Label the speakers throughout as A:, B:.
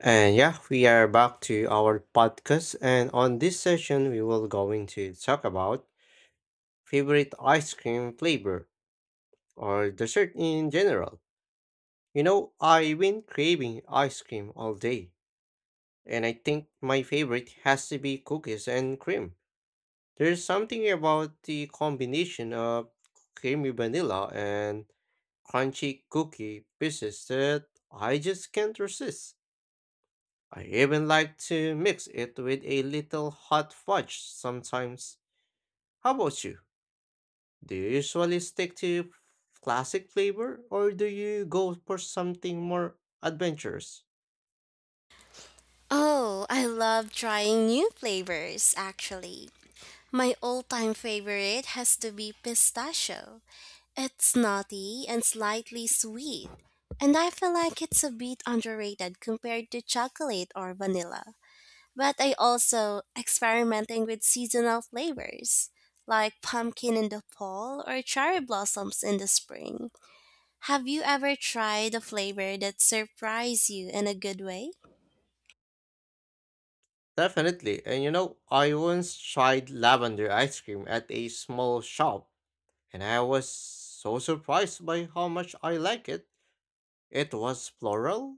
A: And yeah, we are back to our podcast and on this session we will going to talk about favorite ice cream flavor or dessert in general. You know, I've been craving ice cream all day and I think my favorite has to be cookies and cream. There's something about the combination of creamy vanilla and crunchy cookie pieces that I just can't resist. I even like to mix it with a little hot fudge sometimes. How about you? Do you usually stick to classic flavor or do you go for something more adventurous?
B: Oh, I love trying new flavors, actually. My all time favorite has to be pistachio. It's nutty and slightly sweet, and I feel like it's a bit underrated compared to chocolate or vanilla. But I also experimenting with seasonal flavors, like pumpkin in the fall or cherry blossoms in the spring. Have you ever tried a flavor that surprised you in a good way?
A: Definitely. And you know, I once tried lavender ice cream at a small shop and I was so surprised by how much I like it. It was floral,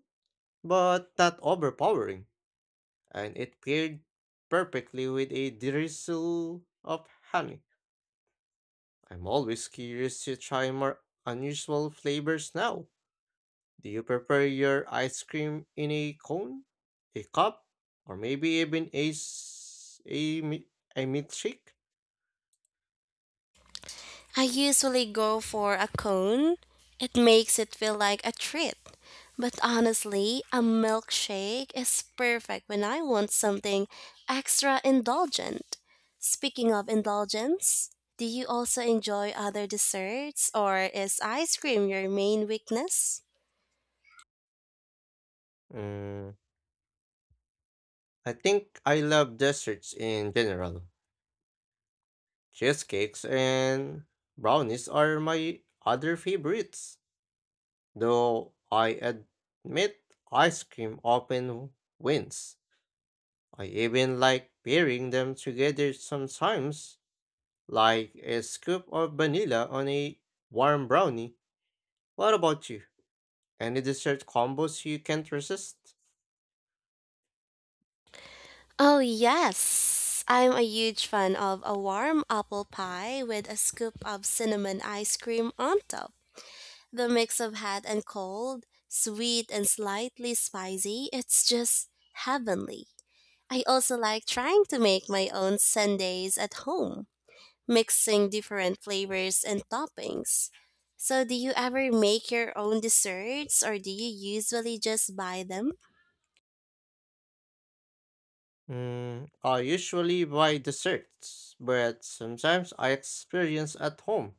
A: but not overpowering, and it paired perfectly with a drizzle of honey. I'm always curious to try more unusual flavors now. Do you prefer your ice cream in a cone, a cup, or maybe even a, s- a, mi- a milkshake?
B: I usually go for a cone. It makes it feel like a treat. But honestly, a milkshake is perfect when I want something extra indulgent. Speaking of indulgence, do you also enjoy other desserts or is ice cream your main weakness?
A: Mm, I think I love desserts in general. Cheesecakes and brownies are my other favorites, though I admit ice cream often wins. I even like pairing them together sometimes like a scoop of vanilla on a warm brownie. What about you? Any dessert combos you can't resist?
B: Oh, yes. I'm a huge fan of a warm apple pie with a scoop of cinnamon ice cream on top. The mix of hot and cold, sweet and slightly spicy, it's just heavenly. I also like trying to make my own sundaes at home, mixing different flavors and toppings. So, do you ever make your own desserts or do you usually just buy them?
A: I usually buy desserts, but sometimes I experience at home.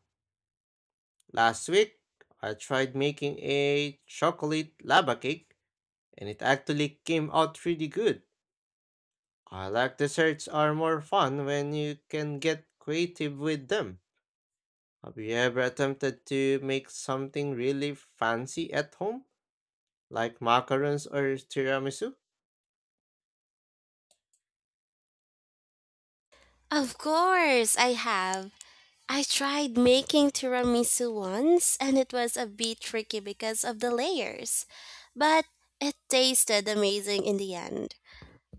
A: Last week, I tried making a chocolate lava cake, and it actually came out really good. I like desserts are more fun when you can get creative with them. Have you ever attempted to make something really fancy at home? Like macarons or tiramisu?
B: Of course, I have. I tried making tiramisu once and it was a bit tricky because of the layers, but it tasted amazing in the end.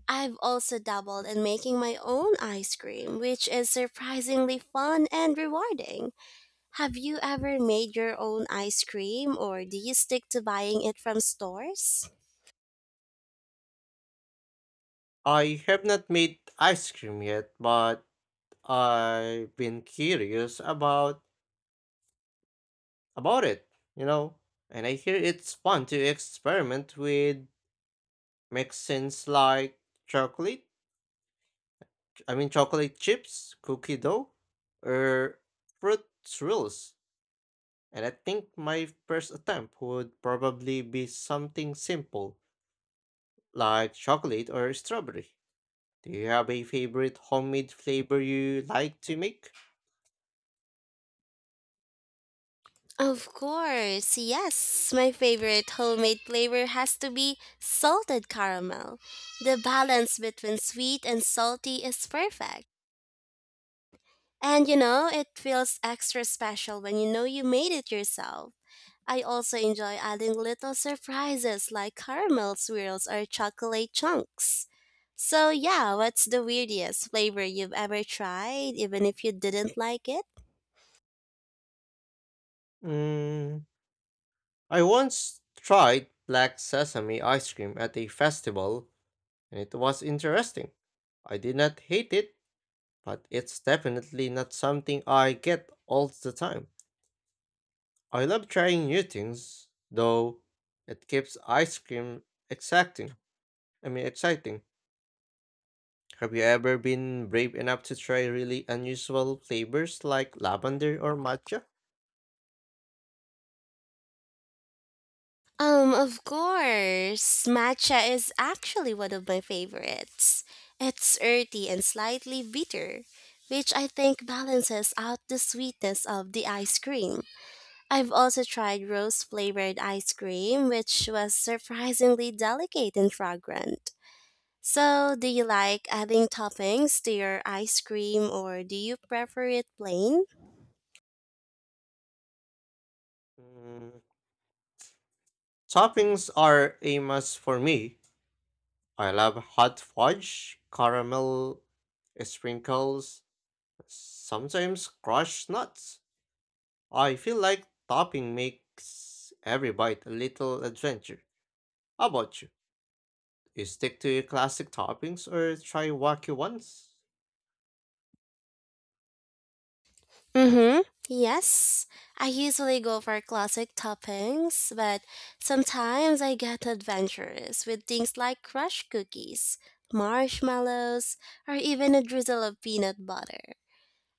B: I've also dabbled in making my own ice cream, which is surprisingly fun and rewarding. Have you ever made your own ice cream or do you stick to buying it from stores?
A: I have not made ice cream yet, but I've been curious about it, you know. And I hear it's fun to experiment with mixins like chocolate, I mean chocolate chips, cookie dough, or fruit swirls. And I think my first attempt would probably be something simple like chocolate or strawberry. Do you have a favorite homemade flavor you like to make?
B: Of course, yes. My favorite homemade flavor has to be salted caramel. The balance between sweet and salty is perfect. And you know, it feels extra special when you know you made it yourself. I also enjoy adding little surprises like caramel swirls or chocolate chunks. So, yeah, what's the weirdest flavor you've ever tried, even if you didn't like it?
A: Mm, I once tried black sesame ice cream at a festival, and it was interesting. I did not hate it, but it's definitely not something I get all the time. I love trying new things, though it keeps ice cream exciting. Exciting. Have you ever been brave enough to try really unusual flavors like lavender or matcha?
B: Of course, matcha is actually one of my favorites. It's earthy and slightly bitter, which I think balances out the sweetness of the ice cream. I've also tried rose flavored ice cream, which was surprisingly delicate and fragrant. So, do you like adding toppings to your ice cream or do you prefer it plain?
A: Mm, Toppings are a must for me. I love hot fudge, caramel sprinkles, sometimes crushed nuts. I feel like topping makes every bite a little adventure. How about you? You stick to your classic toppings or try wacky ones?
B: Mm-hmm. Yes, I usually go for classic toppings, but sometimes I get adventurous with things like crushed cookies, marshmallows, or even a drizzle of peanut butter.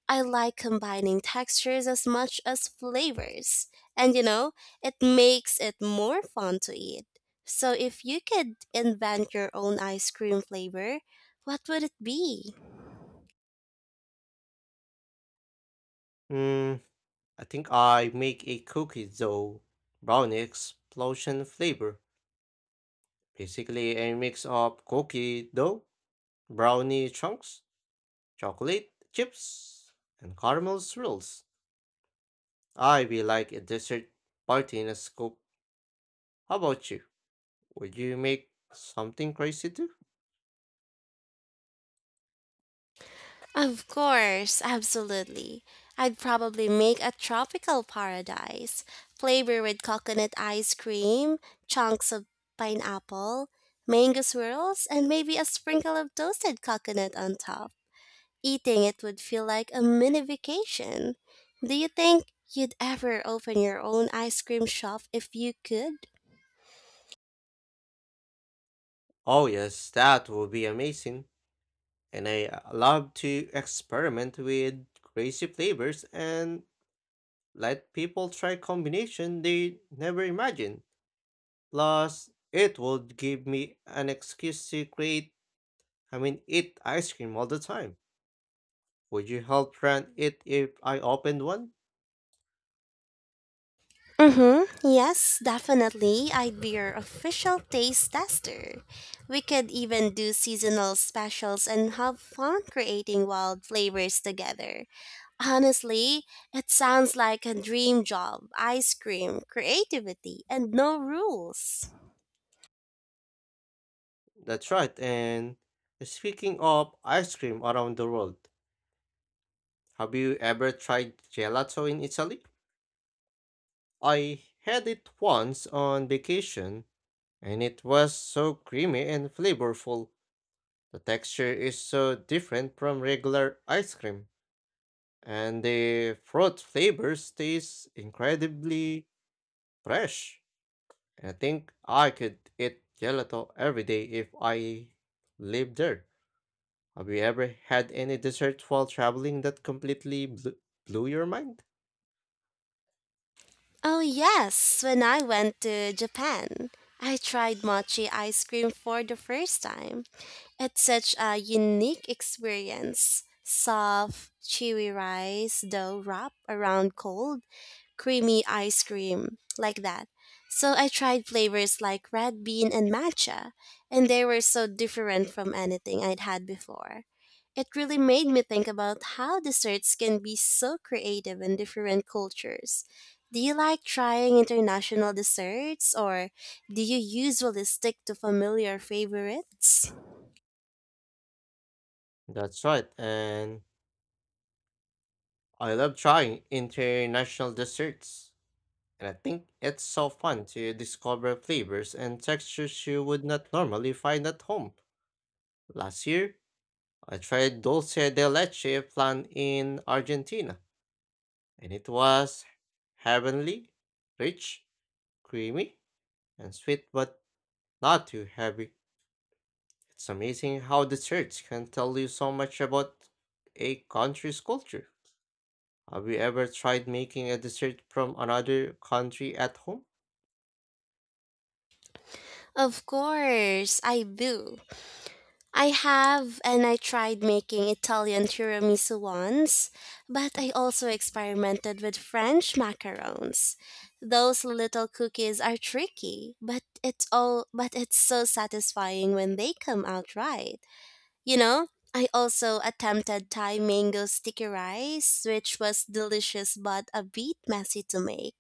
B: I like combining textures as much as flavors. And you know, it makes it more fun to eat. So if you could invent your own ice cream flavor, what would it be?
A: Hmm, I think I make a cookie dough brownie explosion flavor. Basically a mix of cookie dough, brownie chunks, chocolate chips, and caramel swirls. I be like a dessert party in a scoop. How about you? Would you make something crazy too?
B: Of course, absolutely. I'd probably make a tropical paradise flavor with coconut ice cream, chunks of pineapple, mango swirls, and maybe a sprinkle of toasted coconut on top. Eating it would feel like a mini vacation. Do you think you'd ever open your own ice cream shop if you could?
A: Oh yes, that would be amazing. And I love to experiment with crazy flavors and let people try combination they never imagined. Plus, it would give me an excuse to eat ice cream all the time. Would you help run it if I opened one?
B: Mm-hmm. Yes, definitely. I'd be your official taste tester. We could even do seasonal specials and have fun creating wild flavors together. Honestly, it sounds like a dream job. Ice cream, creativity, and no rules.
A: That's right. And speaking of ice cream around the world, have you ever tried gelato in Italy? I had it once on vacation and it was so creamy and flavorful. The texture is so different from regular ice cream and the fruit flavors taste incredibly fresh. I think I could eat gelato every day if I lived there. Have you ever had any dessert while traveling that completely blew your mind?
B: Oh, yes, when I went to Japan, I tried mochi ice cream for the first time. It's such a unique experience. Soft, chewy rice dough wrapped around cold, creamy ice cream, like that. So I tried flavors like red bean and matcha, and they were so different from anything I'd had before. It really made me think about how desserts can be so creative in different cultures. Do you like trying international desserts, or do you usually stick to familiar favorites?
A: That's right, and I love trying international desserts. And I think it's so fun to discover flavors and textures you would not normally find at home. Last year, I tried dulce de leche plant in Argentina, and it was heavenly, rich, creamy, and sweet, but not too heavy. It's amazing how the church can tell you so much about a country's culture. Have you ever tried making a dessert from another country at home?
B: Of course, I do. I have, and I tried making Italian tiramisu once, but I also experimented with French macarons. Those little cookies are tricky, but it's all but it's so satisfying when they come out right. You know, I also attempted Thai mango sticky rice, which was delicious but a bit messy to make.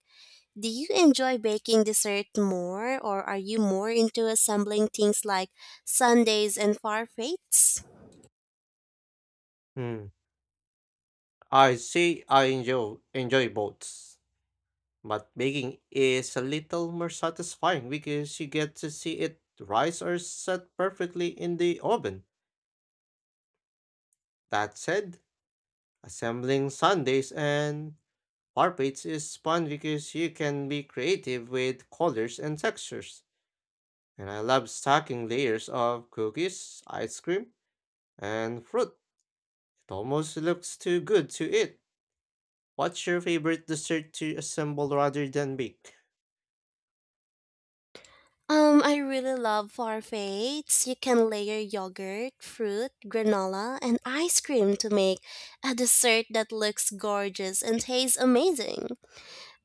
B: Do you enjoy baking dessert more, or are you more into assembling things like sundaes and farfaits?
A: Hmm. I say I enjoy both. But baking is a little more satisfying because you get to see it rise or set perfectly in the oven. That said, assembling sundaes and bar plates is fun because you can be creative with colors and textures. And I love stacking layers of cookies, ice cream, and fruit. It almost looks too good to eat. What's your favorite dessert to assemble rather than bake?
B: I really love farfaits. You can layer yogurt, fruit, granola, and ice cream to make a dessert that looks gorgeous and tastes amazing.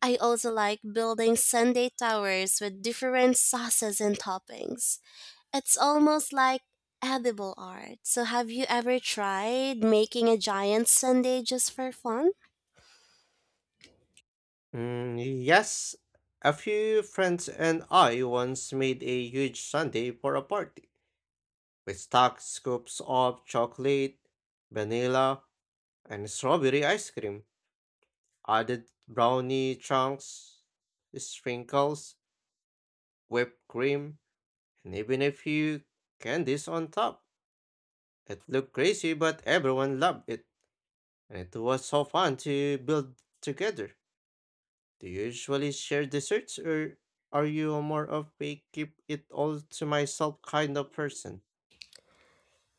B: I also like building sundae towers with different sauces and toppings. It's almost like edible art. So, have you ever tried making a giant sundae just for fun?
A: Yes, a few friends and I once made a huge sundae for a party. We stuck scoops of chocolate, vanilla, and strawberry ice cream, added brownie chunks, sprinkles, whipped cream, and even a few candies on top. It looked crazy, but everyone loved it, and it was so fun to build together. Do you usually share desserts or are you a more of a keep it all to myself kind of person?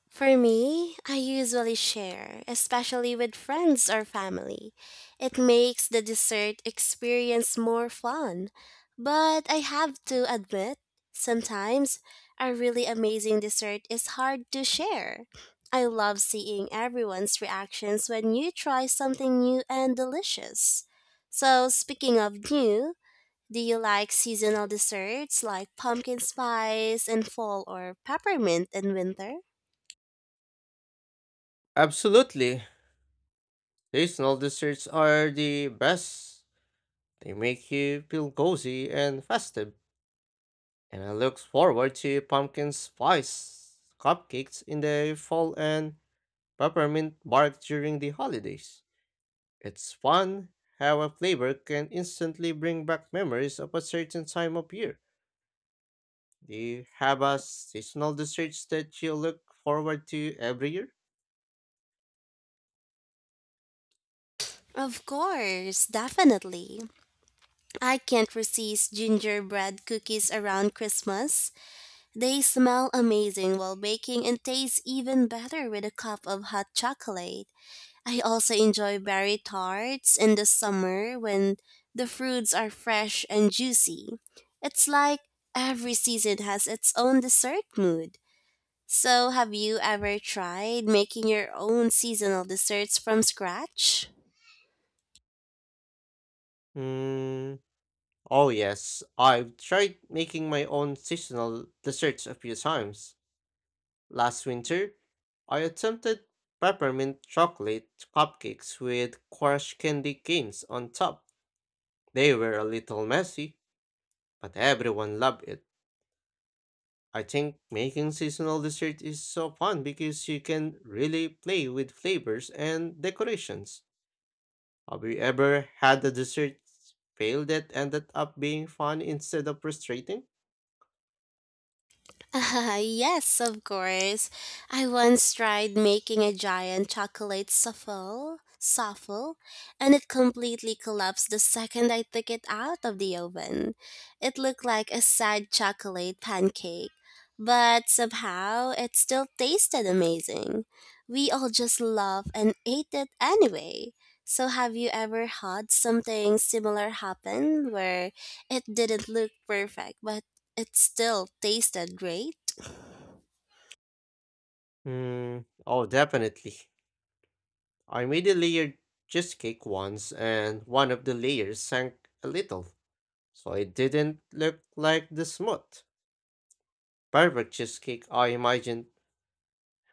B: For me, I usually share, especially with friends or family. It makes the dessert experience more fun. But I have to admit, sometimes a really amazing dessert is hard to share. I love seeing everyone's reactions when you try something new and delicious. So, speaking of new, do you like seasonal desserts like pumpkin spice in fall or peppermint in winter?
A: Absolutely. Seasonal desserts are the best. They make you feel cozy and festive. And I look forward to pumpkin spice cupcakes in the fall and peppermint bark during the holidays. It's fun how a flavor can instantly bring back memories of a certain time of year. Do you have a seasonal desserts that you look forward to every year?
B: Of course, definitely. I can't resist gingerbread cookies around Christmas. They smell amazing while baking and taste even better with a cup of hot chocolate. I also enjoy berry tarts in the summer when the fruits are fresh and juicy. It's like every season has its own dessert mood. So, have you ever tried making your own seasonal desserts from scratch?
A: Mm, oh yes, I've tried making my own seasonal desserts a few times. Last winter, I attempted peppermint chocolate cupcakes with crushed candy canes on top. They were a little messy, but everyone loved it. I think making seasonal dessert is so fun because you can really play with flavors and decorations. Have you ever had a dessert fail that ended up being fun instead of frustrating?
B: Ah, yes, of course. I once tried making a giant chocolate souffle, and it completely collapsed the second I took it out of the oven. It looked like a sad chocolate pancake, but somehow it still tasted amazing. We all just loved and ate it anyway. So, have you ever had something similar happen where it didn't look perfect but it still tasted great?
A: Oh, definitely. I made a layered cheesecake once and one of the layers sank a little, so it didn't look like the smooth, perfect cheesecake I imagined.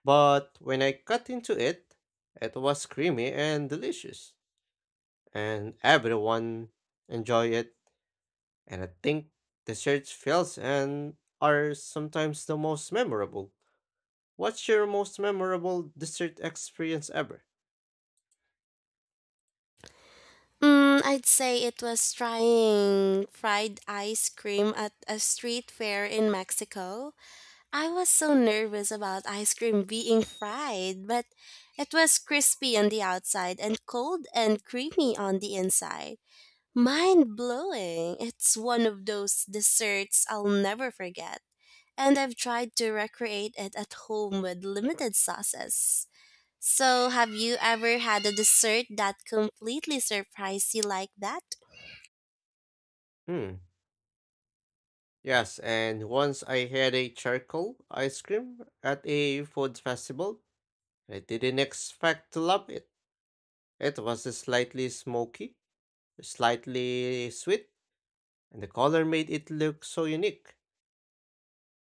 A: But when I cut into it, it was creamy and delicious. And everyone enjoy it. And I think dessert fails and are sometimes the most memorable. What's your most memorable dessert experience ever?
B: Mm, I'd say it was trying fried ice cream at a street fair in Mexico. I was so nervous about ice cream being fried, but it was crispy on the outside and cold and creamy on the inside. Mind blowing. It's one of those desserts I'll never forget. And I've tried to recreate it at home with limited sauces. So, have you ever had a dessert that completely surprised you like that?
A: Hmm. Yes, and once I had a charcoal ice cream at a food festival I didn't expect to love it. It was slightly smoky, slightly sweet, and the color made it look so unique.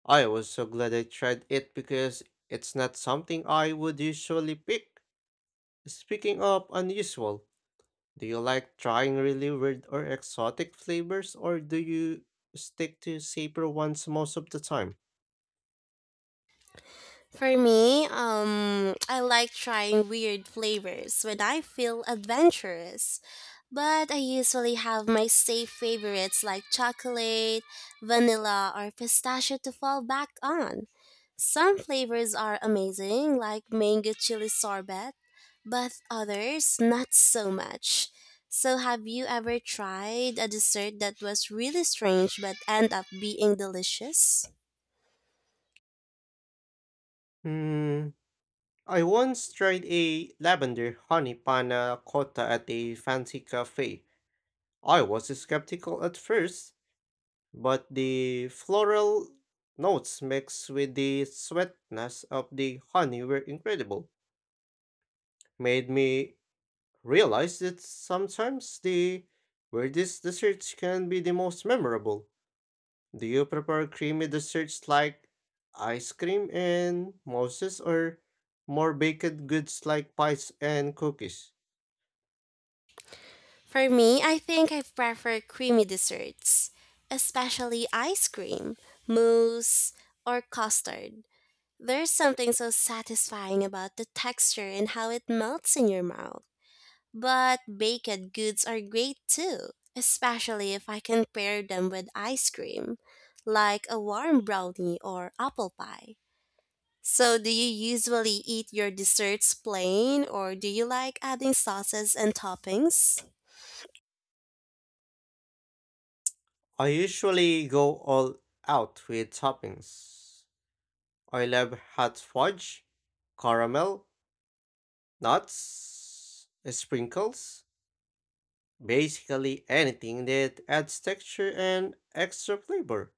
A: I was so glad I tried it because it's not something I would usually pick. Speaking of unusual, do you like trying really weird or exotic flavors or do you stick to safer ones most of the time?
B: For me, I like trying weird flavors when I feel adventurous. But I usually have my safe favorites like chocolate, vanilla, or pistachio to fall back on. Some flavors are amazing, like mango chili sorbet, but others not so much. So, have you ever tried a dessert that was really strange but end up being delicious?
A: Hmm, I once tried a lavender honey panna cotta at a fancy cafe. I was skeptical at first, but the floral notes mixed with the sweetness of the honey were incredible. Made me realize that sometimes the weirdest desserts can be the most memorable. Do you prefer creamy desserts like ice cream and mousses or more baked goods like pies and cookies?
B: For me, I think I prefer creamy desserts, especially ice cream, mousse, or custard. There's something so satisfying about the texture and how it melts in your mouth. But baked goods are great too, especially if I can pair them with ice cream, like a warm brownie or apple pie. So, do you usually eat your desserts plain or do you like adding sauces and toppings?
A: I usually go all out with toppings. I love hot fudge, caramel, nuts, sprinkles, basically anything that adds texture and extra flavor.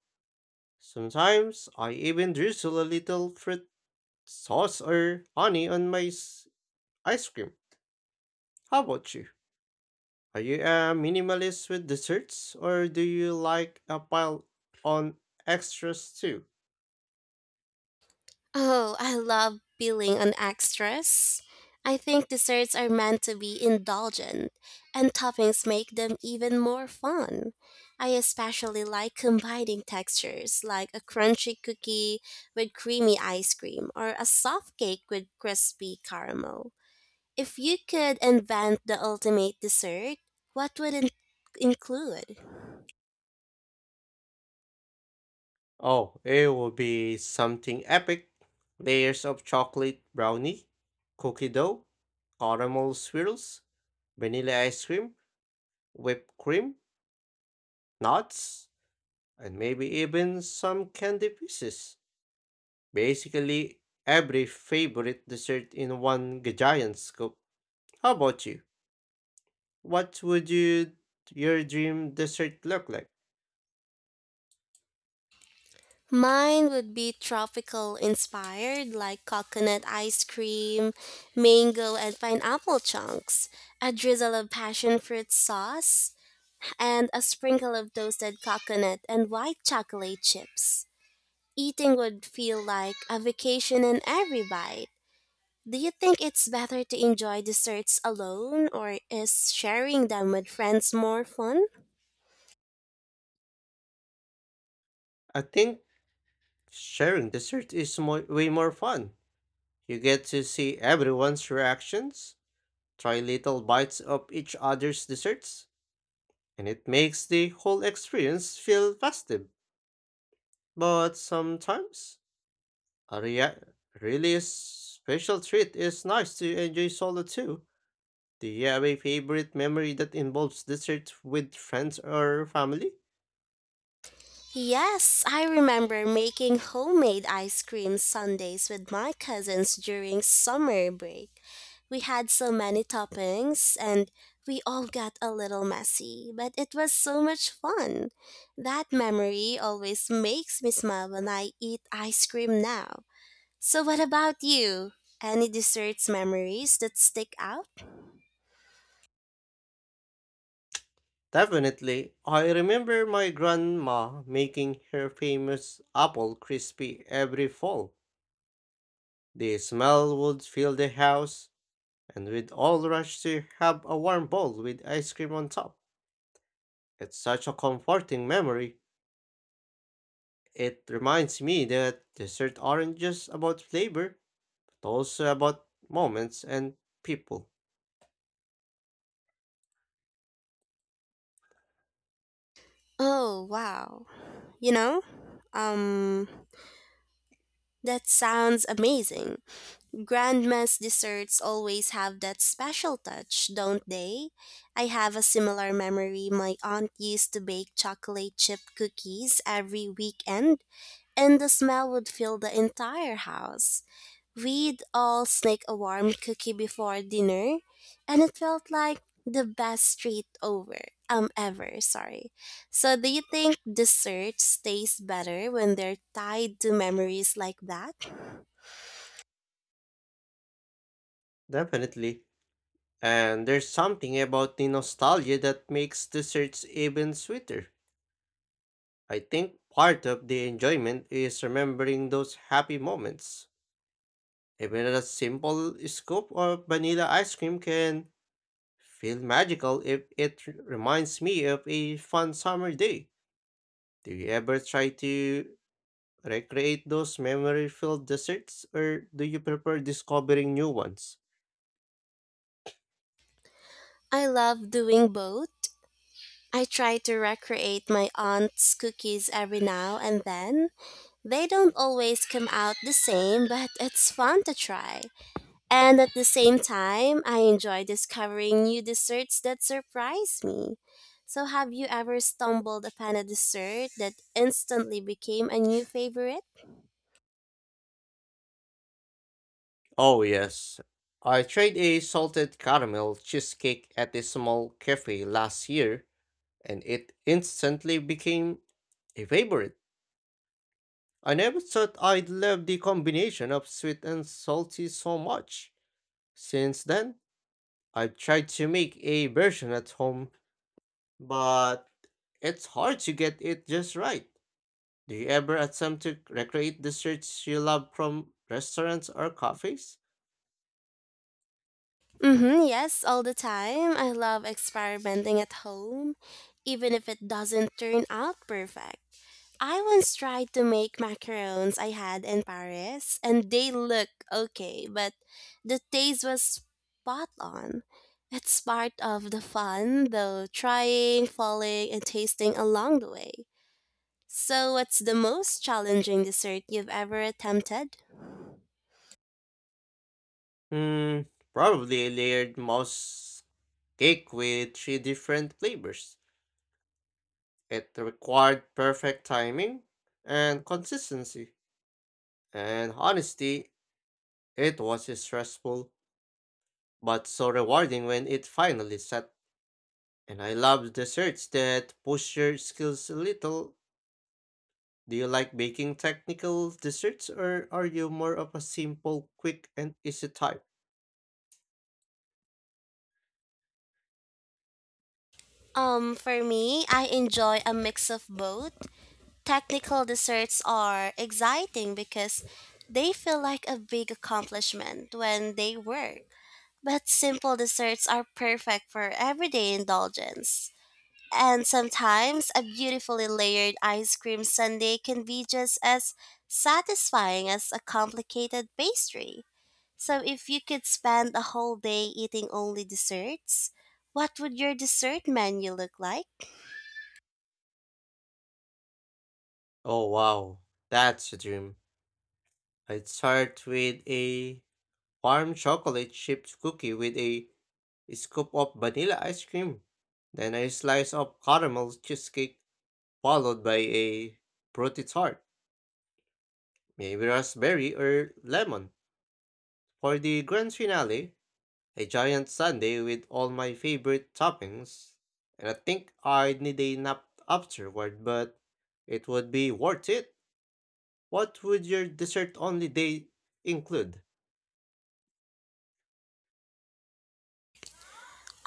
A: Sometimes I even drizzle a little fruit sauce or honey on ice cream. How about you? Are you a minimalist with desserts or do you like a pile on extras too?
B: Oh, I love peeling on extras. I think desserts are meant to be indulgent, and toppings make them even more fun. I especially like combining textures, like a crunchy cookie with creamy ice cream or a soft cake with crispy caramel. If you could invent the ultimate dessert, what would it include?
A: Oh, it will be something epic. Layers of chocolate brownie, cookie dough, caramel swirls, vanilla ice cream, whipped cream, nuts, and maybe even some candy pieces. Basically, every favorite dessert in giant scoop. How about you? What would you, your dream dessert look like?
B: Mine would be tropical inspired, like coconut ice cream, mango and pineapple chunks, a drizzle of passion fruit sauce, and a sprinkle of toasted coconut and white chocolate chips. Eating would feel like a vacation in every bite. Do you think it's better to enjoy desserts alone, or is sharing them with friends more fun?
A: I think sharing dessert is more, way more fun. You get to see everyone's reactions. Try little bites of each other's desserts, and it makes the whole experience feel festive. But sometimes, a rea- really special treat is nice to enjoy solo too. Do you have a favorite memory that involves dessert with friends or family?
B: Yes, I remember making homemade ice cream sundaes with my cousins during summer break. We had so many toppings and we all got a little messy, but it was so much fun. That memory always makes me smile when I eat ice cream now. So, what about you? Any desserts memories that stick out?
A: Definitely. I remember my grandma making her famous apple crispy every fall. The smell would fill the house, and we'd all rush to have a warm bowl with ice cream on top. It's such a comforting memory. It reminds me that desserts aren't just about flavor, but also about moments and people.
B: Oh, wow. You know, um, that sounds amazing. Grandma's desserts always have that special touch, don't they? I have a similar memory. My aunt used to bake chocolate chip cookies every weekend, and the smell would fill the entire house. We'd all sneak a warm cookie before dinner, and it felt like the best treat over. Sorry. So, do you think desserts taste better when they're tied to memories like that?
A: Definitely. And there's something about the nostalgia that makes desserts even sweeter. I think part of the enjoyment is remembering those happy moments. Even a simple scoop of vanilla ice cream can feel magical if reminds me of a fun summer day. Do you ever try to recreate those memory filled desserts or do you prefer discovering new ones?
B: I love doing both. I try to recreate my aunt's cookies every now and then. They don't always come out the same, but it's fun to try. And at the same time, I enjoy discovering new desserts that surprise me. So, have you ever stumbled upon a dessert that instantly became a new favorite?
A: Oh, yes. I tried a salted caramel cheesecake at a small cafe last year and it instantly became a favorite. I never thought I'd love the combination of sweet and salty so much. Since then, I've tried to make a version at home, but it's hard to get it just right. Do you ever attempt to recreate the desserts you love from restaurants or cafes?
B: Mm-hmm, yes, all the time. I love experimenting at home, even if it doesn't turn out perfect. I once tried to make macarons I had in Paris, and they look okay, but the taste was spot on. It's part of the fun, though, trying, falling, and tasting along the way. So, what's the most challenging dessert you've ever attempted?
A: Hmm, probably a layered mouse cake with three different flavors. It required perfect timing and consistency. And honestly, it was stressful, but so rewarding when it finally set. And I love desserts that push your skills a little. Do you like baking technical desserts or are you more of a simple, quick, and easy type?
B: For me, I enjoy a mix of both. Technical desserts are exciting because they feel like a big accomplishment when they work. But simple desserts are perfect for everyday indulgence. And sometimes a beautifully layered ice cream sundae can be just as satisfying as a complicated pastry. So, if you could spend a whole day eating only desserts, what would your dessert menu look like?
A: Oh wow, that's a dream. I'd start with a warm chocolate chipped cookie with a scoop of vanilla ice cream, then a slice of caramel cheesecake, followed by a fruity tart, maybe raspberry or lemon. For the grand finale, a giant sundae with all my favorite toppings. And I think I'd need a nap afterward, but it would be worth it. What would your dessert only day include?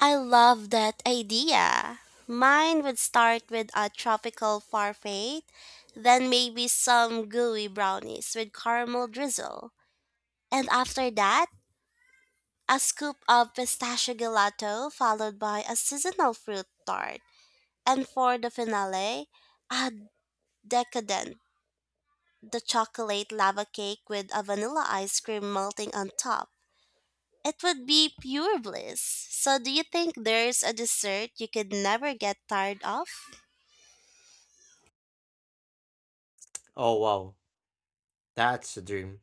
B: I love that idea. Mine would start with a tropical parfait, then maybe some gooey brownies with caramel drizzle. And after that, a scoop of pistachio gelato followed by a seasonal fruit tart. And for the finale, a decadent, the chocolate lava cake with a vanilla ice cream melting on top. It would be pure bliss. So do you think there's a dessert you could never get tired of?
A: Oh wow, that's a dream.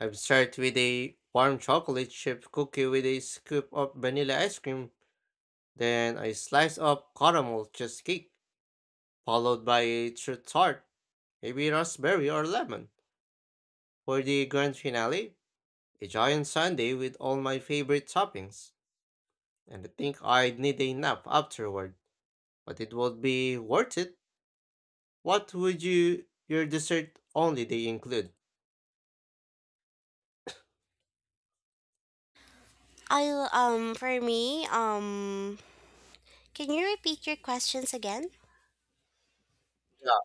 A: I've started with a warm chocolate chip cookie with a scoop of vanilla ice cream, then a slice of caramel cheesecake, followed by a fruit tart, maybe raspberry or lemon. For the grand finale, a giant sundae with all my favorite toppings. And I think I'd need a nap afterward, but it would be worth it. What would your dessert only day include?
B: I for me, can you repeat your questions again?
A: Yeah.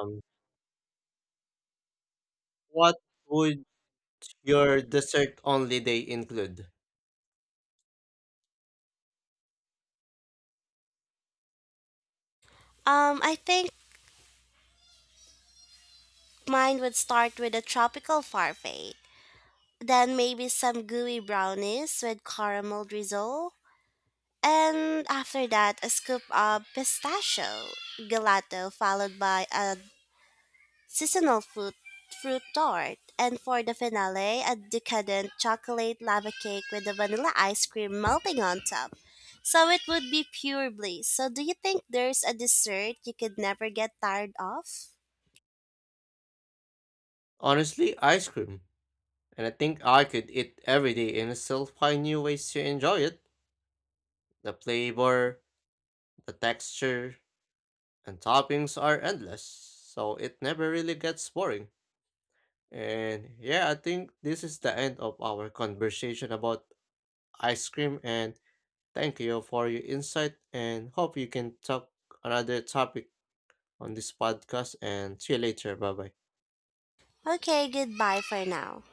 A: Um, what would your dessert only day include?
B: I think mine would start with a tropical parfait. Then maybe some gooey brownies with caramel drizzle. And after that, a scoop of pistachio gelato followed by a seasonal fruit tart. And for the finale, a decadent chocolate lava cake with the vanilla ice cream melting on top. So it would be pure bliss. So do you think there's a dessert you could never get tired of?
A: Honestly, ice cream. And I think I could eat every day and still find new ways to enjoy it. The flavor, the texture, and toppings are endless, so it never really gets boring. And yeah, I think this is the end of our conversation about ice cream, and thank you for your insight and hope you can talk another topic on this podcast and see you later. Bye bye.
B: Okay, goodbye for now.